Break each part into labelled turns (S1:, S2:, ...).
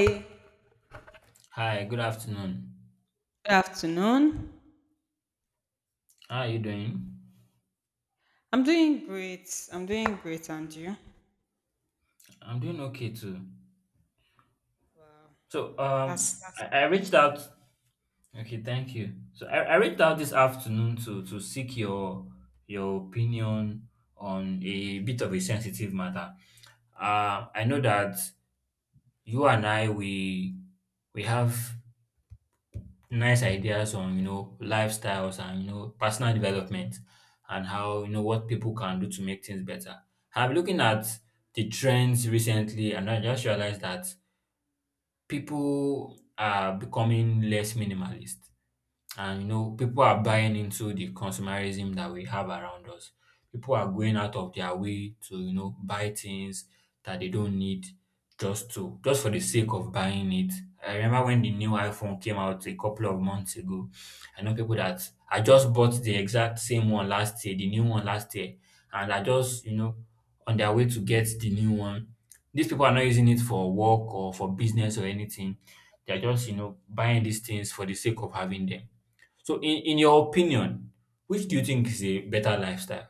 S1: Hey,
S2: Hi, good afternoon.
S1: good afternoon.
S2: How are you doing?
S1: I'm doing great. I'm doing great, and you?
S2: I'm doing okay too.
S1: Wow,
S2: So,
S1: wow.
S2: um,
S1: That's
S2: I, I reached out. Okay, thank you. I reached out this afternoon to seek your opinion on a bit of a sensitive matter. I know that you and I we have nice ideas on you know lifestyles and you know personal development and how you know what people can do to make things better. I am looking at the trends recently, and I just realized that people are becoming less minimalist. And you know, people are buying into the consumerism that we have around us. People are going out of their way to, you know, buy things that they don't need just for the sake of buying it. I remember when the new iPhone came out a couple of months ago. I know people that I just bought the exact same one last year, the new one last year, and I just, you know, on their way to get the new one. These people are not using it for work or for business or anything. They're just, you know, buying these things for the sake of having them. So, in your opinion, which do you think is a better lifestyle?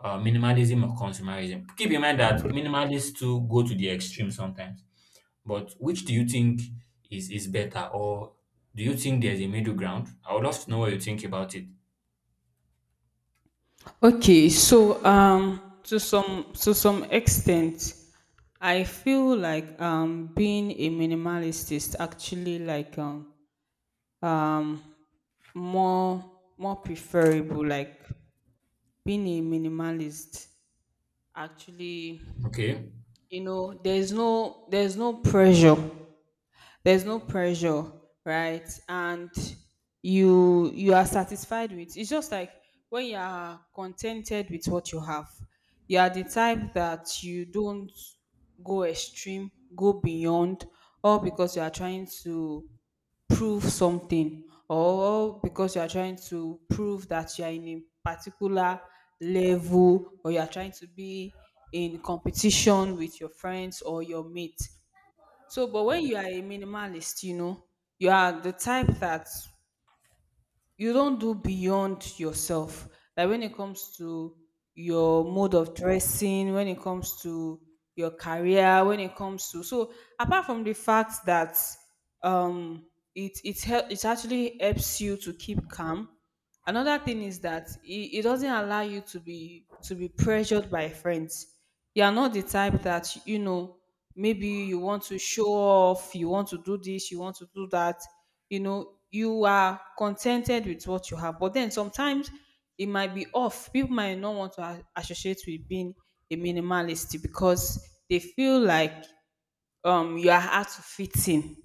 S2: Minimalism or consumerism? Keep in mind that minimalists too go to the extreme sometimes. But which do you think is better? Or do you think there's a middle ground? I would love to know what you think about it.
S1: okay. To some extent, I feel like being a minimalist is actually like um more more preferable. Like being a minimalist, actually,
S2: Okay.
S1: you know, there's no pressure, there's no pressure, right, and you are satisfied with, it's just like when you are contented with what you have, you are the type that you don't go extreme, go beyond, or because you are trying to prove something, or because you are trying to prove that you are in a particular level, or you are trying to be in competition with your friends or your mates. So, but when you are a minimalist, you know, you are the type that you don't do beyond yourself. Like when it comes to your mode of dressing, when it comes to your career, when it comes to, so apart from the fact that um it actually helps you to keep calm, another thing is that it doesn't allow you to be pressured by friends. You are not the type that, you know, maybe you want to show off, you want to do this, you want to do that. You know, you are contented with what you have, but then sometimes it might be off, people might not want to associate with being a minimalist because they feel like you are hard to fit in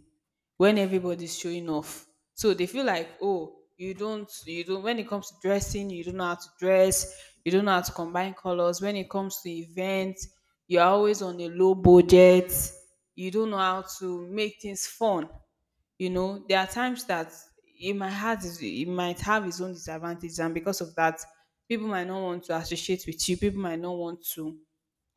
S1: when everybody's showing off. So they feel like, oh, you don't, when it comes to dressing, you don't know how to dress, you don't know how to combine colors. When it comes to events, you're always on a low budget, you don't know how to make things fun. You know, there are times that it might have its own disadvantages, and because of that, people might not want to associate with you, people might not want to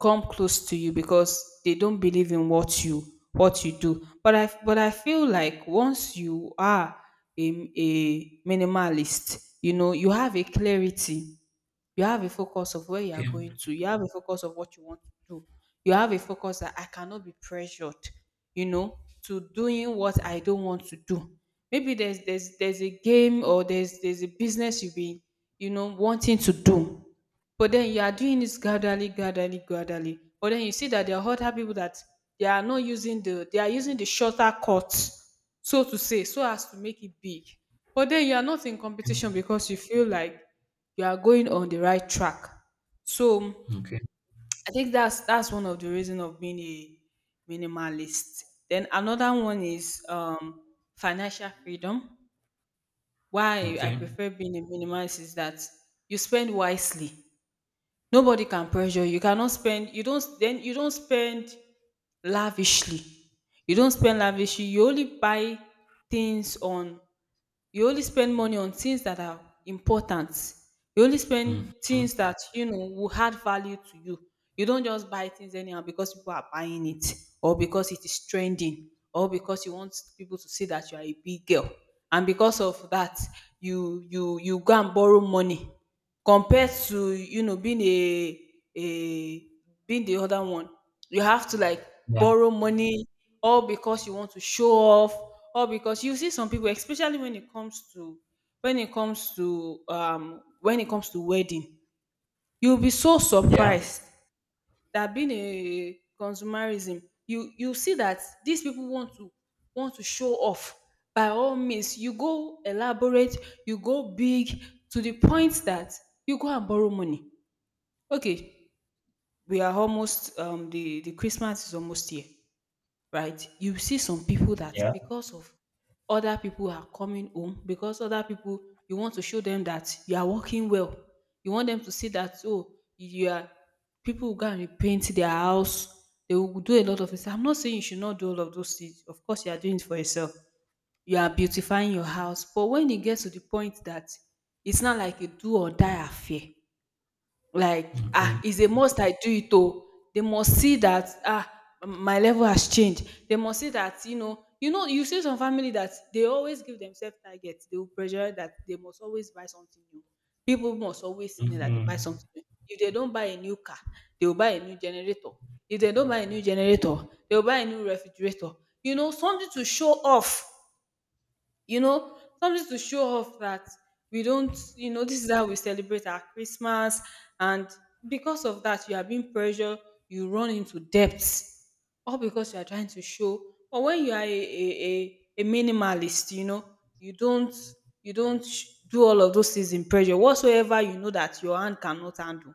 S1: come close to you because they don't believe in what you do. But I feel like once you are a minimalist, you know, you have a clarity, you have a focus of where you
S2: Okay.
S1: are going to. You have a focus of what you want to do. You have a focus that I cannot be pressured, you know, to doing what I don't want to do. Maybe there's a game, or there's a business you've been, you know, wanting to do. But then you are doing this gradually, gradually, gradually. But then you see that there are other people that they are not using the they are using the shorter cut, so to say, so as to make it big. But then you are not in competition because you feel like you are going on the right track. So
S2: Okay.
S1: I think that's one of the reason of being a minimalist. Then another one is, financial freedom. Why I
S2: Okay.
S1: prefer being a minimalist is that you spend wisely. Nobody can pressure you. You cannot spend. You don't. Then you don't spend lavishly. You don't spend lavishly. Things on you only spend money on things that are important. You only spend
S2: Mhm.
S1: things that you know will add value to you. You don't just buy things anyhow because people are buying it, or because it is trending, or because you want people to see that you are a big girl. And because of that, you go and borrow money, compared to, you know, being a, being the other one, you have to like
S2: Yeah.
S1: borrow money all because you want to show off, all because you see some people, especially when it comes to, when it comes to wedding, you'll be so
S2: Yeah.
S1: surprised that being a consumerism, you see that these people want to, want to show off. By all means, you go elaborate, you go big, to the point that you go and borrow money. Okay, we are almost, the Christmas is almost here, right? You see some people that,
S2: Yeah.
S1: because of other people are coming home, because other people, you want to show them that you are working well. You want them to see that, oh, you are, people will go and repaint their house. They will do a lot of things. I'm not saying you should not do all of those things. Of course, you are doing it for yourself. You are beautifying your house. But when it gets to the point that it's not like a do or die affair, like, ah,
S2: Okay.
S1: it's a must I do it oh. They must see that, ah, my level has changed. They must see that, you know, you know, you see some family that they always give themselves targets. They will pressure that they must always buy something new. People must always see that they buy
S2: Hmm.
S1: something new. If they don't buy a new car, they will buy a new generator. If they don't buy a new generator, they will buy a new refrigerator. You know, something to show off, you know, something to show off that we don't, you know, this is how we celebrate our Christmas. And because of that, you are being pressured, you run into debts, all because you are trying to show. But when you are a minimalist, you know, you don't you don't do all of those things in pressure whatsoever, you know that your hand cannot handle,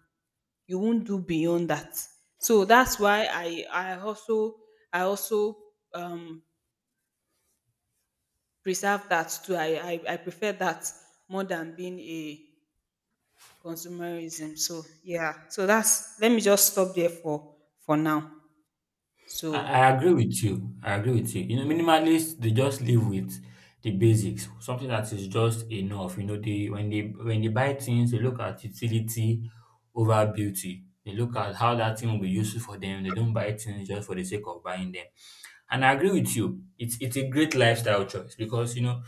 S1: you won't do beyond that. So that's why I also, I also, um preserve that too. I prefer that more than being a consumerism. So yeah, so that's, let me just stop there for now.
S2: I
S1: So
S2: I agree with you. I agree with you. You know, minimalists, they just live with the basics, something that is just enough. You know, they when they buy things, they look at utility over beauty. They look at how that thing will be useful for them. They don't buy things just for the sake of buying them. And I agree with you. It's a great lifestyle choice because you know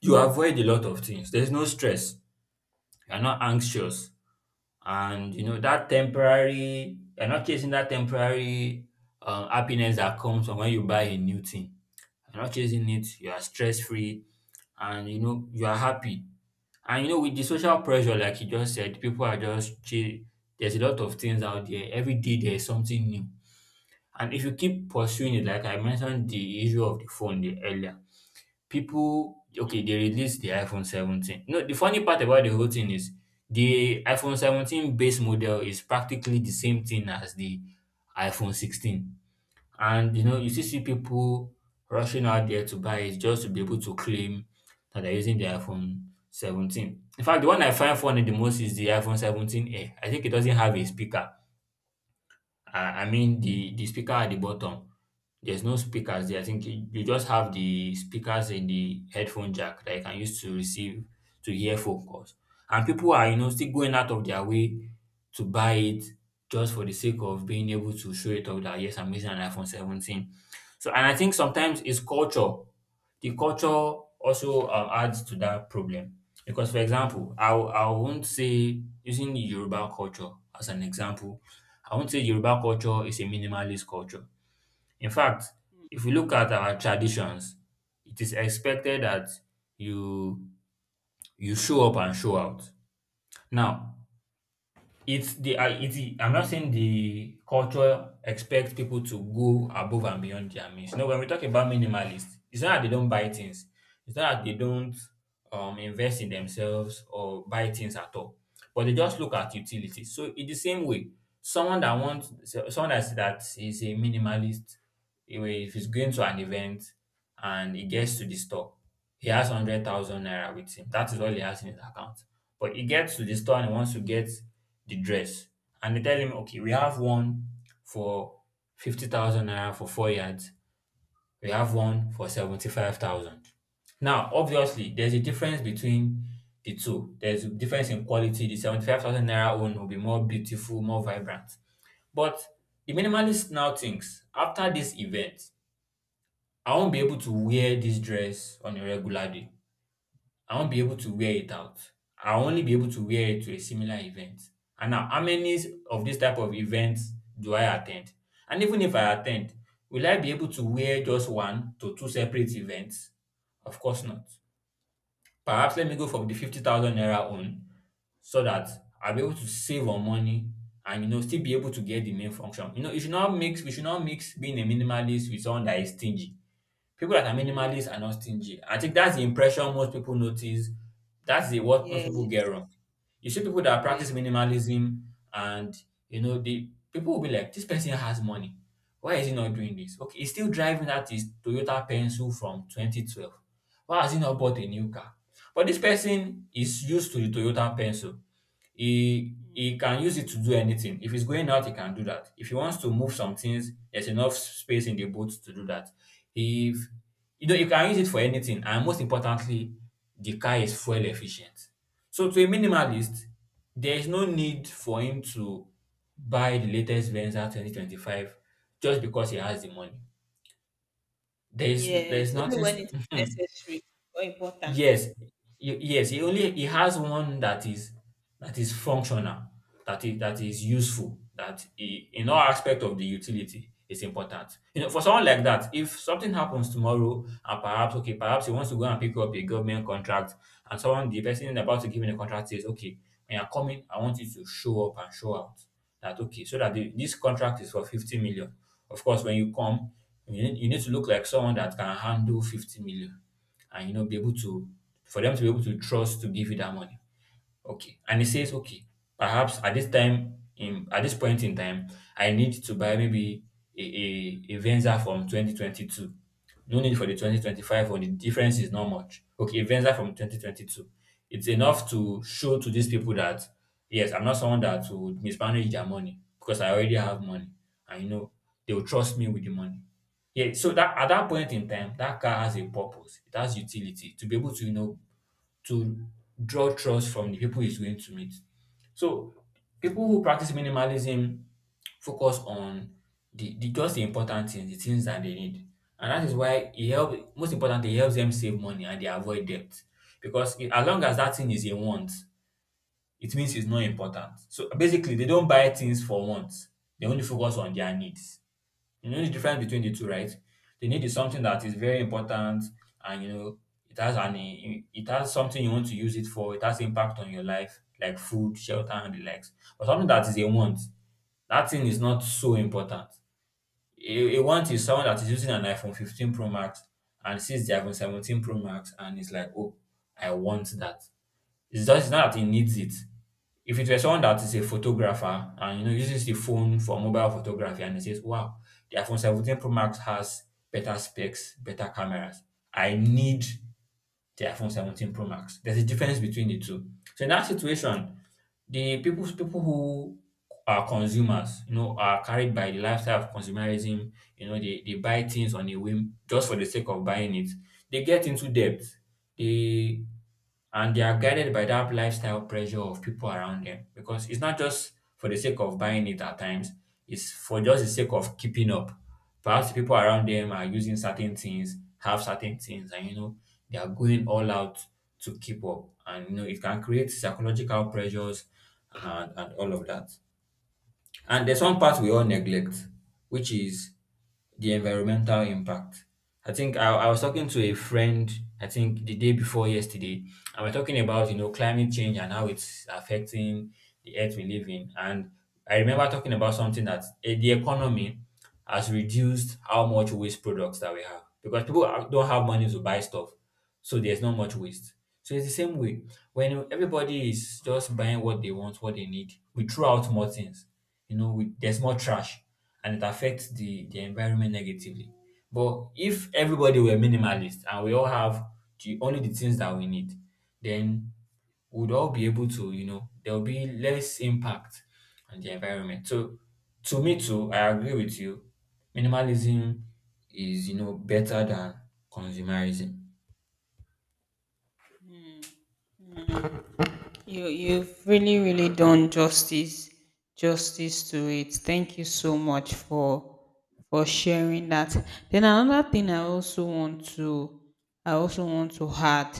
S2: you avoid a lot of things. There's no stress. You're not anxious, and you know that temporary you're not chasing that temporary happiness that comes from when you buy a new thing. You're not chasing it. You are stress free, and you know you are happy. And you know, with the social pressure, like you just said, people are just chill. There's a lot of things out there. Every day there's something new, and if you keep pursuing it, like I mentioned, the issue of the phone the earlier, people, okay, they released the iPhone 17. No, the funny part about the whole thing is the iPhone 17 base model is practically the same thing as the iPhone 16. And you know, you still see people rushing out there to buy it just to be able to claim that they're using the iPhone 17. In fact, the one I find funny the most is the iPhone 17 Air. I think it doesn't have a speaker. I mean, the speaker at the bottom, there's no speakers there. I think you just have the speakers in the headphone jack that you can use to receive, to hear phone calls. And people are, you know, still going out of their way to buy it just for the sake of being able to show it off, that yes, I'm using an iPhone 17. So, and I think sometimes it's culture. The culture also adds to that problem because, for example, I won't say, using the Yoruba culture as an example. I won't say Yoruba culture is a minimalist culture. In fact, if you look at our traditions, it is expected that you you show up and show out. Now, it's the I it's the- I'm not saying the culture expects people to go above and beyond their means. No, when we talk about minimalists, it's not that they don't buy things. It's not that they don't invest in themselves or buy things at all. But they just look at utilities. So in the same way, someone that is a minimalist, anyway, if he's going to an event and he gets to the store, he has 100,000 naira with him. That is all he has in his account. But he gets to the store and he wants to get the dress. And they tell him, okay, we have one for 50,000 naira for 4 yards. We have one for 75,000. Now, obviously, there's a difference between the two. There's a difference in quality. The 75,000 naira one will be more beautiful, more vibrant. But the minimalist now thinks, after this event, I won't be able to wear this dress on a regular day. I won't be able to wear it out. I'll only be able to wear it to a similar event. And now, how many of this type of events do I attend? And even if I attend, will I be able to wear just one to two separate events? Of course not. Perhaps let me go for the 50,000 naira own so that I'll be able to save on money and you know still be able to get the main function. You know, you should not mix, we should not mix being a minimalist with someone that is stingy. People that are
S1: mm,
S2: minimalist are not stingy. I think that's the impression most people notice. That's the what most people get
S1: yes,
S2: wrong. You see people that practice
S1: yes,
S2: minimalism, and you know, the people will be like, this person has money. Why is he not doing this? Okay, he's still driving that his Toyota Pencil from 2012. Why has he not bought a new car? But this person is used to the Toyota Pencil. He can use it to do anything. If he's going out, he can do that. If he wants to move some things, there's enough space in the boat to do that. If you know, you can use it for anything, and most importantly, the car is fuel efficient. So to a minimalist, there is no need for him to buy the latest Venza 2025 just because he has the money. There is
S1: yes. Only
S2: nothing.
S1: when it's necessary or important.
S2: Yes, yes. He has one that is functional, that is useful, in all aspect of the utility is important. You know, for someone like that, if something happens tomorrow and perhaps, okay, perhaps he wants to go and pick up a government contract, and someone the person about to give him the contract says, okay, when you're coming, I want you to show up and show out, that okay, so that this contract is for 50 million. Of course, when you come, you need to look like someone that can handle 50 million, and you know be able to for them to be able to trust to give you that money. Okay. And he says, okay, perhaps at this point in time, I need to buy maybe a, a Venza from 2022. No need for the 2025, or the difference is not much. Okay, a Venza from 2022. It's enough to show to these people that yes, I'm not someone that would mismanage their money because I already have money. And you know, they will trust me with the money. Yeah, so that at that point in time, that car has a purpose. It has utility to be able to, you know, to draw trust from the people he's going to meet. So people who practice minimalism focus on the just the important things, the things that they need. And that is why it helps, most importantly, it helps them save money and they avoid debt. Because it, as long as that thing is a want, it means it's not important. So basically they don't buy things for wants. They only focus on their needs. You know the difference between the two, right? The need is something that is very important, and you know it has an, it has something you want to use it for. It has impact on your life, like food, shelter, and the likes. But something that is a want, that thing is not so important. A want is someone that is using an iPhone 15 Pro Max and sees the iPhone 17 Pro Max and is like, oh, I want that. It's just, it's not that he needs it. If it were someone that is a photographer and you know uses the phone for mobile photography and he says, wow, the iPhone 17 Pro Max has better specs, better cameras. I need the iPhone 17 Pro Max. There's a difference between the two. So in that situation, the people who are consumers, you know, are carried by the lifestyle of consumerism. You know, they buy things on a whim just for the sake of buying it. They get into debt. They and they are guided by that lifestyle pressure of people around them, because it's not just for the sake of buying it at times, it's for just the sake of keeping up. Perhaps the people around them are using certain things, have certain things, and you know, they are going all out to keep up. And you know, it can create psychological pressures and all of that. And there's one part we all neglect, which is the environmental impact. I think I was talking to a friend, I think the day before yesterday, and we're talking about, you know, climate change and how it's affecting the earth we live in. And I remember talking about something, that the economy has reduced how much waste products that we have, because don't have money to buy stuff. So there's not much waste. So it's the same way. When everybody is just buying what they want, what they need, we throw out more things, you know. With, there's more trash, and it affects the environment negatively. But if everybody were minimalist and we all have only the things that we need, then we'd all be able to, you know, there will be less impact on the environment. So to me too, I agree with you. Minimalism is, you know, better than consumerism.
S1: You you've really done justice to it. Thank you so much for sharing that. Then another thing I also want to, I also want to add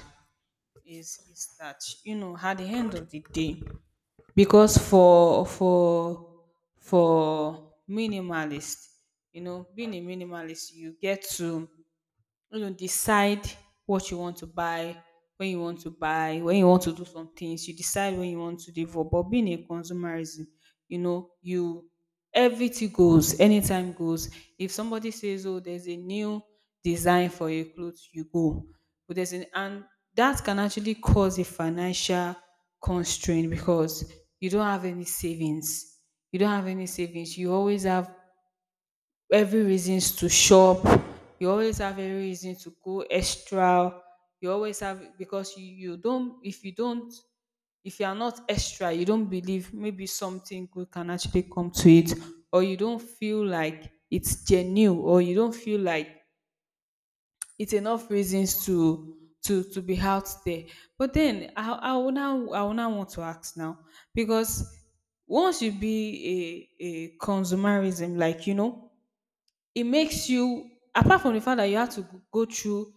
S1: is that, you know, at the end of the day, because for minimalist, you know, being a minimalist you get to, you know, decide what you want to buy, when you want to buy, when you want to do some things. You decide when you want to develop. But being a consumerism, you know, you, everything goes, anytime goes. If somebody says, "Oh, there's a new design for a clothes," you go. But there's an, and that can actually cause a financial constraint because you don't have any savings. You don't have any savings. You always have every reasons to shop. You always have every reason to go extra. You always have because you don't if you don't, if you are not extra, you don't believe maybe something good can actually come to it, or you don't feel like it's genuine, or you don't feel like it's enough reasons to to be out there. But then I would now, I would now want to ask now, because once you be a consumerism, like you know, it makes you, apart from the fact that you have to go through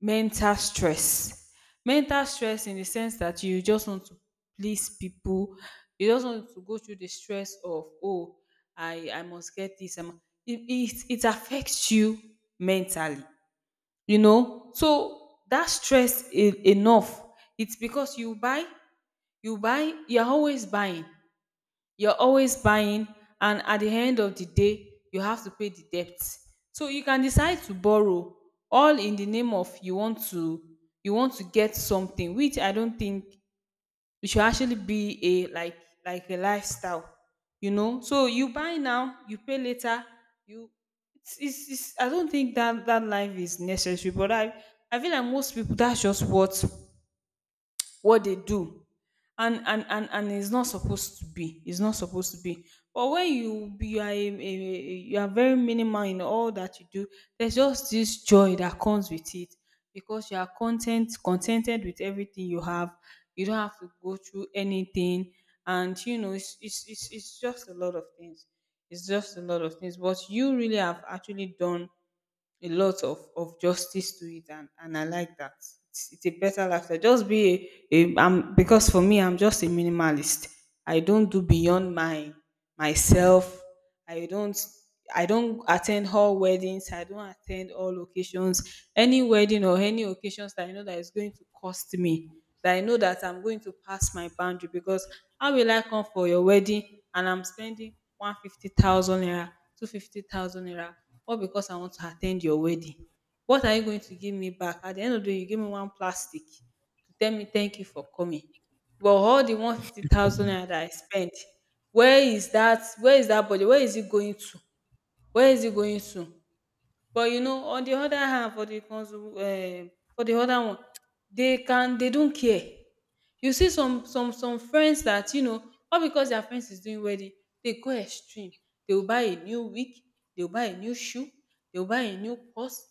S1: mental stress, mental stress in the sense that you just want to please people, you just want to go through the stress of, "Oh, I must get this, I mu", it affects you mentally, you know. So, that stress is enough, it's because you buy, you buy, you are always buying, you're always buying, and at the end of the day you have to pay the debt, so you can decide to borrow all in the name of you want to, you want to get something, which I don't think it should actually be a, like a lifestyle, you know. So you buy now, you pay later, you it's, I don't think that that life is necessary, but I feel like most people, that's just what they do. And and it's not supposed to be, it's not supposed to be. But when you are a, you are very minimal in all that you do, there's just this joy that comes with it because you are contented with everything you have. You don't have to go through anything, and you know, it's just a lot of things, it's just a lot of things. What you really have actually done a lot of justice to it, and I like that. It's a better lifestyle. Just be a, I'm, because for me I'm just a minimalist. I don't do beyond my myself. I don't, I don't attend all weddings. I don't attend all occasions. Any wedding or any occasions that I know that is going to cost me. That I know that I'm going to pass my boundary. Because how will I come for your wedding and I'm spending 150,000 naira, 250,000 naira, all because I want to attend your wedding? What are you going to give me back? At the end of the day, you give me one plastic to tell me thank you for coming. But all the 150,000 naira that I spent, where is that budget? Where is it going to? Where is it going to? But you know, on the other hand, for the consu for the other one, they can, they don't care. You see some friends that, you know, all because their friends is doing wedding, they go extreme. They will buy a new wig, they will buy a new shoe, they will buy a new purse.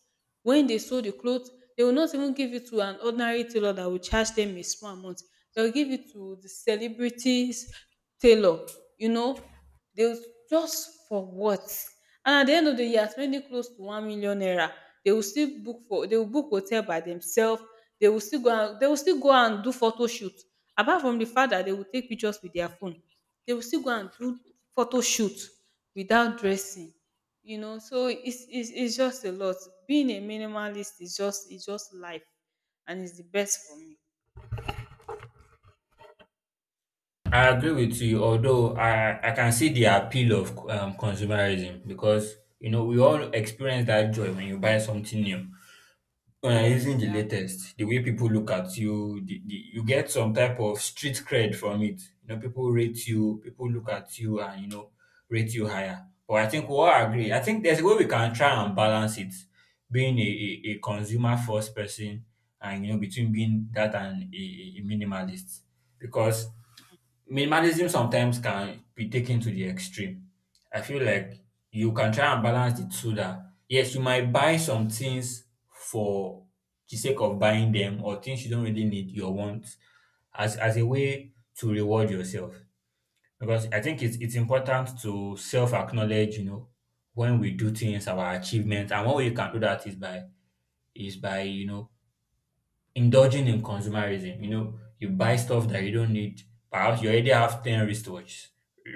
S1: When they sew the cloth, they will not even give it to an ordinary tailor that will charge them a small amount. They'll give it to the celebrities tailor, you know. They'll just for what? And at the end of the year, spending close to 1,000,000 naira, they will book hotel by themselves. They will still go and do photo shoot. Apart from the fact that they will take pictures with their phone, they will still go and do photo shoot without dressing. You know, so it's just a lot. Being a minimalist is just life, and it's the best for me.
S2: I agree with you, although I can see the appeal of consumerism, because you know we all experience that joy when you buy something new. When you're using
S1: Yes,
S2: the
S1: I.
S2: latest, the way people look at you, you get some type of street cred from it. You know, people rate you, people look at you, and you know, rate you higher. But I think we all agree. I think there's a way we can try and balance it, being a consumer first person, and you know, between being that and a minimalist, because minimalism sometimes can be taken to the extreme. I feel like you can try and balance the two, that yes, you might buy some things for the sake of buying them, or things you don't really need, your wants, as a way to reward yourself. Because I think it's important to self-acknowledge, you know, when we do things, our achievements, and one way you can do that is by, you know, indulging in consumerism. You know, you buy stuff that you don't need. Perhaps you already have 10 wristwatches.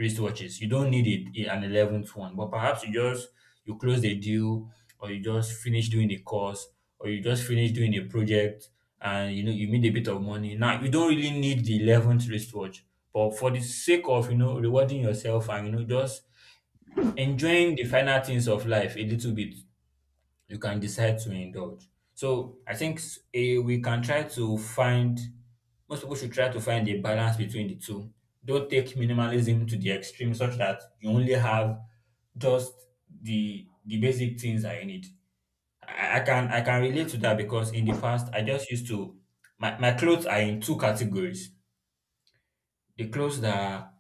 S2: You don't need it an 11th one, but perhaps you close the deal, or you just finish doing the course, or you just finish doing a project, and you know you made a bit of money. Now you don't really need the 11th wristwatch, but for the sake of, you know, rewarding yourself, and you know, just enjoying the finer things of life a little bit, you can decide to indulge. So I think we can try to find, most people should try to find a balance between the two. Don't take minimalism to the extreme such that you only have just the basic things I need. I can relate to that, because in the past I just my clothes are in two categories. The clothes that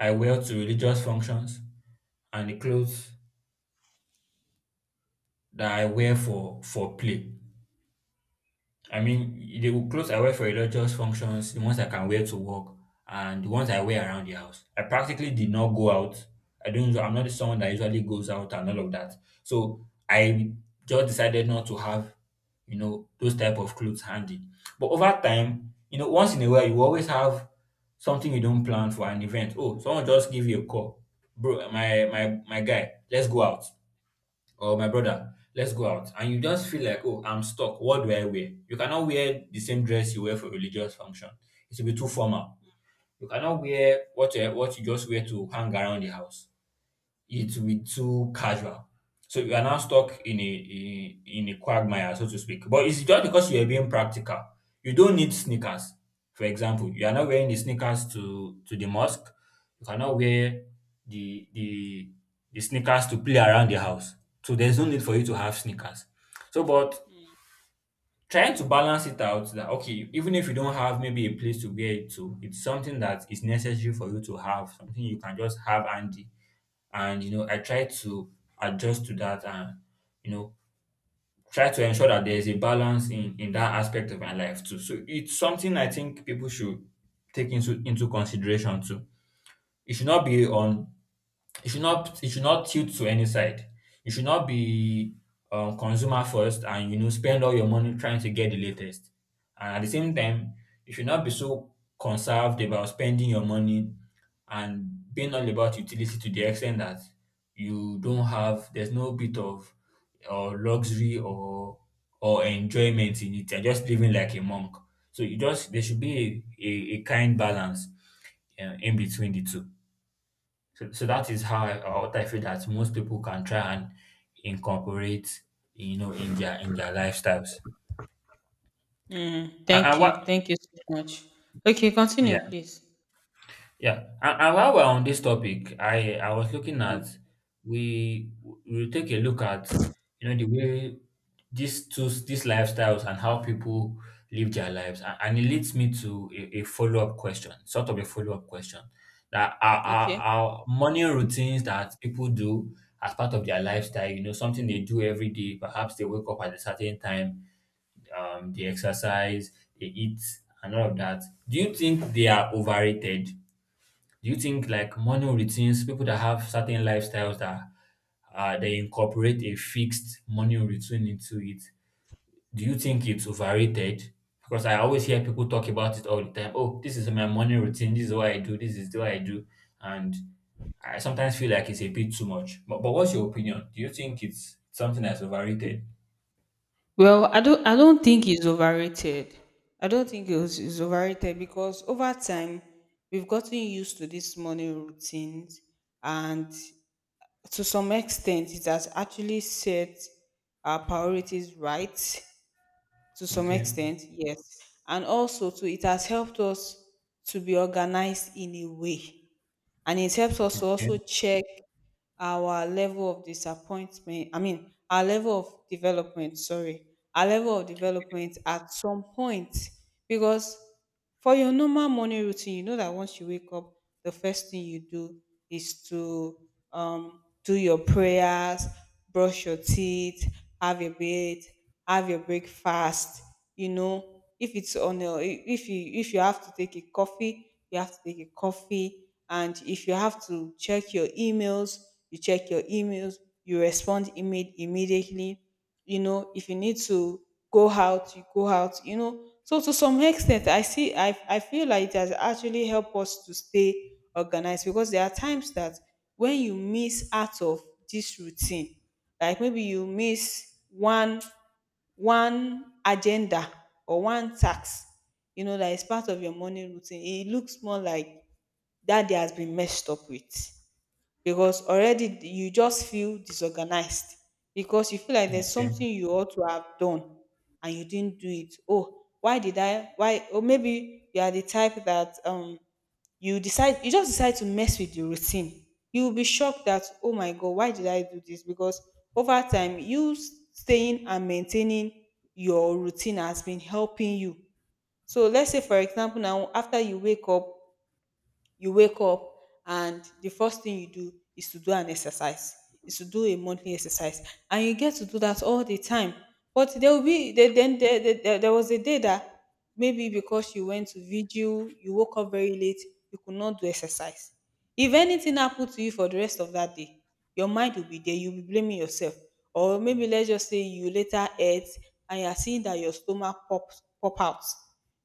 S2: I wear to religious functions, and the clothes that I wear for play. I mean, the clothes I wear for religious functions, the ones I can wear to work, and the ones I wear around the house. I practically did not go out. I don't. I'm not someone that usually goes out and all of that. So I just decided not to have, you know, those type of clothes handy. But over time, you know, once in a while, you always have something you don't plan for, an event. Oh, someone just give you a call, bro. My guy, let's go out. Or my brother, let's go out. And you just feel like, oh, I'm stuck. What do I wear? You cannot wear the same dress you wear for religious function. It will be too formal. You cannot wear what you just wear to hang around the house. It will be too casual. So you are now stuck in a quagmire, so to speak. But it's just because you are being practical. You don't need sneakers. For example, you are not wearing the sneakers to the mosque. You cannot wear the the the sneakers to play around the house. So there's no need for you to have sneakers. So, but trying to balance it out, that okay, even if you don't have maybe a place to wear it to, it's something that is necessary for you to have, something you can just have handy. And you know, I try to adjust to that, and you know, try to ensure that there is a balance in that aspect of my life too. So it's something I think people should take into consideration too. it should not be on it should not tilt to any side. You should not be consumer first, and you know, spend all your money trying to get the latest. And at the same time, you should not be so conserved about spending your money and being all about utility, to the extent that you don't have there's no bit of or luxury or enjoyment in it. You're just living like a monk. So you just there should be a kind balance in between the two. So that is how what I feel that most people can try and incorporate, you know, in their lifestyles.
S1: Mm,
S2: And,
S1: thank
S2: and
S1: you.
S2: what?
S1: Thank you so much. Okay, continue,
S2: Yeah.
S1: please.
S2: Yeah, and while we're on this topic, I was looking at
S1: Um,
S2: we we take a look at, you know, the way these lifestyles and how people live their lives, and, it leads me to a follow up question, sort of a follow up question, that our, our
S1: okay.
S2: our morning routines that people do as part of their lifestyle, you know, something they do every day. Perhaps they wake up at a certain time, they exercise, they eat, and all of that. Do you think they are overrated? Do you think, like, morning routines, people that have certain lifestyles that they incorporate a fixed morning routine into it, do you think it's overrated? Because I always hear people talk about it all the time. Oh, this is my morning routine. This is what I do. This is what I do. And I sometimes feel like it's a bit too much. But what's your opinion? Do you think it's something that's overrated?
S1: Well, I don't think he's overrated. I don't think he's overrated because over time we've gotten used to these morning routines, and to some extent it has actually set our priorities right, to some
S2: Okay.
S1: extent, yes. And also too, it has helped us to be organized in a way, and it helps us to also
S2: Okay.
S1: check our level of disappointment, I mean our level of development, sorry, our level of development at some point. Because for your normal morning routine, you know that once you wake up, the first thing you do is to, do your prayers, brush your teeth, have your bed, have your breakfast. You know, if it's on a, if you, if you have to take a coffee, you have to take a coffee. And if you have to check your emails, you check your emails, you respond immediately. You know, if you need to go out, you know. So to some extent, I feel like it has actually helped us to stay organized. Because there are times that when you miss out of this routine, like maybe you miss one agenda or one task, you know, that is part of your morning routine, it looks more like that day has been messed up with. Because already you just feel disorganized, because you feel like there's
S2: Okay.
S1: something you ought to have done and you didn't do it. Oh, why did I? Why? Or maybe you are the type that you just decide to mess with your routine. You will be shocked that, oh my god, why did I do this? Because over time, you staying and maintaining your routine has been helping you. So let's say for example now, after you wake up, you wake up and the first thing you do is to do an exercise, is to do a monthly exercise, and you get to do that all the time. But there will be there, then there was a day that, maybe because you went to vigil, you woke up very late, you could not do exercise. If anything happened to you for the rest of that day, your mind will be there, you'll be blaming yourself. Or maybe let's just say you later ate, and you're seeing that your stomach pop out.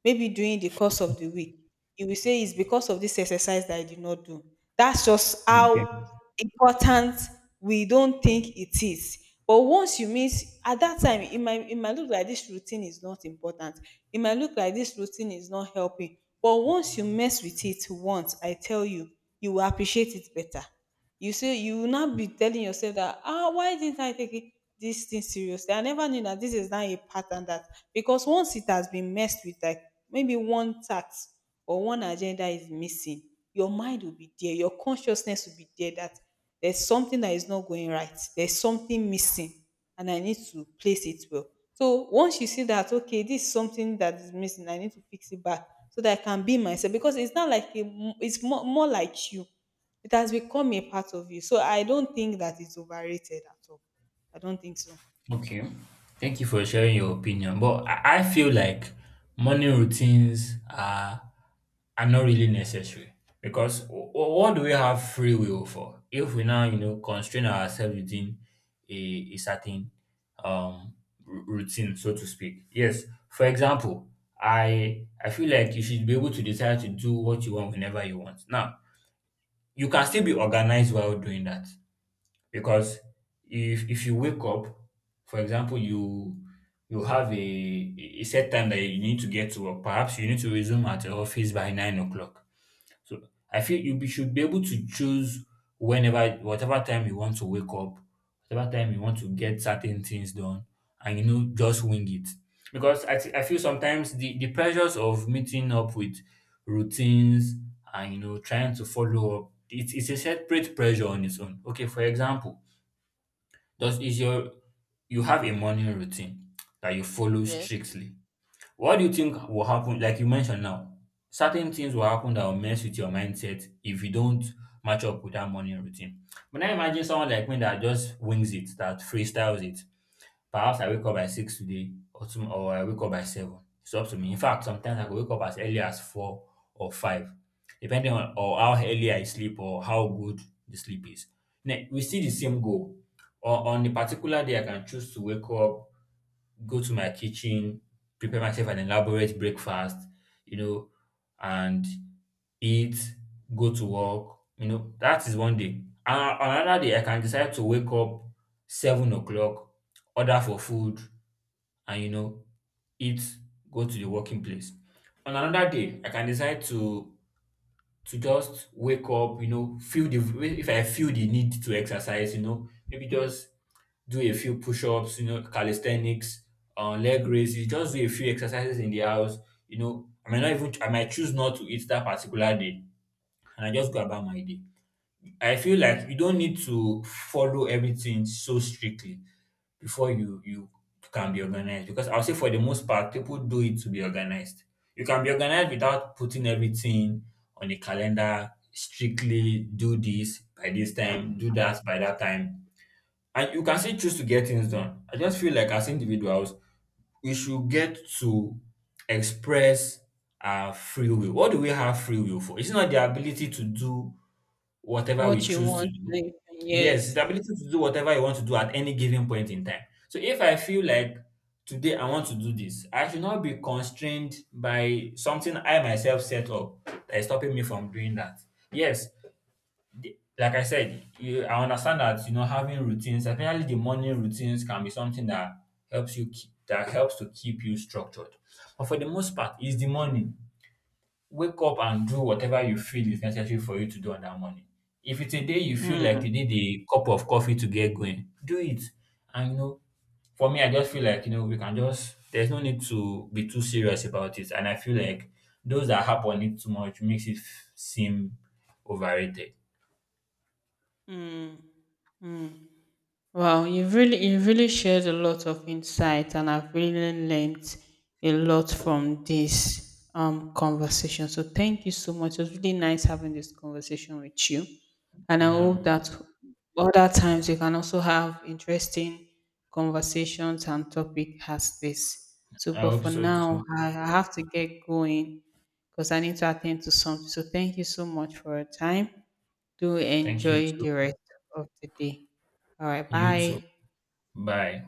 S1: Maybe during the course of the week, you will say it's because of this exercise that I did not do. That's just
S2: Okay.
S1: how important. We don't think it is, but once you miss at that time, it might, it might look like this routine is not important, it might look like this routine is not helping. But once you mess with it once, I tell you, you will appreciate it better. You say you will not be telling yourself that, ah, why didn't I this thing seriously? I never knew that. This is not a pattern that. Because once it has been messed with, like maybe one task or one agenda is missing, your mind will be there, your consciousness will be there, that there's something that is not going right, there's something missing, and I need to place it well. So once you see that, okay, this is something that is missing, I need to fix it back, so that I can be myself. Because it's not like a, it's more, more like you, it has become a part of you. So I don't think that it's overrated at all. I don't think so.
S2: Okay. Thank you for sharing your opinion. But I feel like morning routines are not really necessary, because what do we have free will for, if we now, you know, constrain ourselves within a, a certain um routine, so to speak. Yes, for example, I feel like you should be able to decide to do what you want whenever you want. Now, you can still be organized while doing that, because if you wake up, for example, you have a set time that you need to get to work. Perhaps you need to resume at your office by 9 o'clock. So I feel you should be able to choose whenever, whatever time you want to wake up, whatever time you want to get certain things done, and you know, just wing it. Because I feel sometimes the pressures of meeting up with routines and, you know, trying to follow up, it's a separate pressure on its own. Okay, for example, does is your you have a morning routine that you follow
S1: Yes.
S2: strictly. What do you think will happen? Like you mentioned now, certain things will happen that will mess with your mindset if you don't match up with that morning routine. But now imagine someone like me that just wings it, that freestyles it. Perhaps I wake up by six today, or or I wake up by seven. It's up to me. In fact, sometimes I could wake up as early as four or five, depending on or how early I sleep, or how good the sleep is. Now, we see the same goal. On the particular day, I can choose to wake up, go to my kitchen, prepare myself an elaborate breakfast, you know, and eat, go to work. You know, that is one day. And on another day, I can decide to wake up 7 o'clock, order for food, and you know, eat, go to the working place. On another day, I can decide to just wake up, you know, feel the if I feel the need to exercise, you know, maybe just do a few push-ups, you know, calisthenics, leg raises, just do a few exercises in the house. You know, I might choose not to eat that particular day, and I just go about my day. I feel like you don't need to follow everything so strictly before you can be organized. Because I'll say, for the most part, people do it to be organized. You can be organized without putting everything on a calendar strictly. Do this by this time, do that by that time, and you can still choose to get things done. I just feel like, as individuals, we should get to express our free will. What do we have free will for? It's not the ability to do whatever we
S1: What you
S2: choose to
S1: want
S2: do.
S1: later.
S2: Yes, it's
S1: Yes.
S2: the ability to do whatever you want to do at any given point in time. So if I feel like today I want to do this, I should not be constrained by something I myself set up that is stopping me from doing that. Yes, like I said, I understand that, you know, having routines, especially the morning routines, can be something that helps you keep, that helps to keep you structured. But for the most part, it's the morning. Wake up and do whatever you feel is necessary for you to do on that morning. If it's a day you feel like
S1: Mm,
S2: you need a cup of coffee to get going, do it. And you know, for me, I just feel like, you know, we can just. There's no need to be too serious about it, and I feel like those that harp on it too much makes it seem overrated.
S1: mm, mm. Wow, you really shared a lot of insight, and I've really learned a lot from this conversation. So thank you so much. It was really nice having this conversation with you, and I
S2: Yeah.
S1: hope that other times we can also have interesting conversations and topic as this. So,
S2: I
S1: but
S2: hope
S1: for
S2: so
S1: now,
S2: too.
S1: I have to get going because I need to attend to something. So thank you so much for your time. Do
S2: Thank you
S1: enjoy the
S2: too.
S1: rest of the day. All right.
S2: You too.
S1: Bye.
S2: Bye.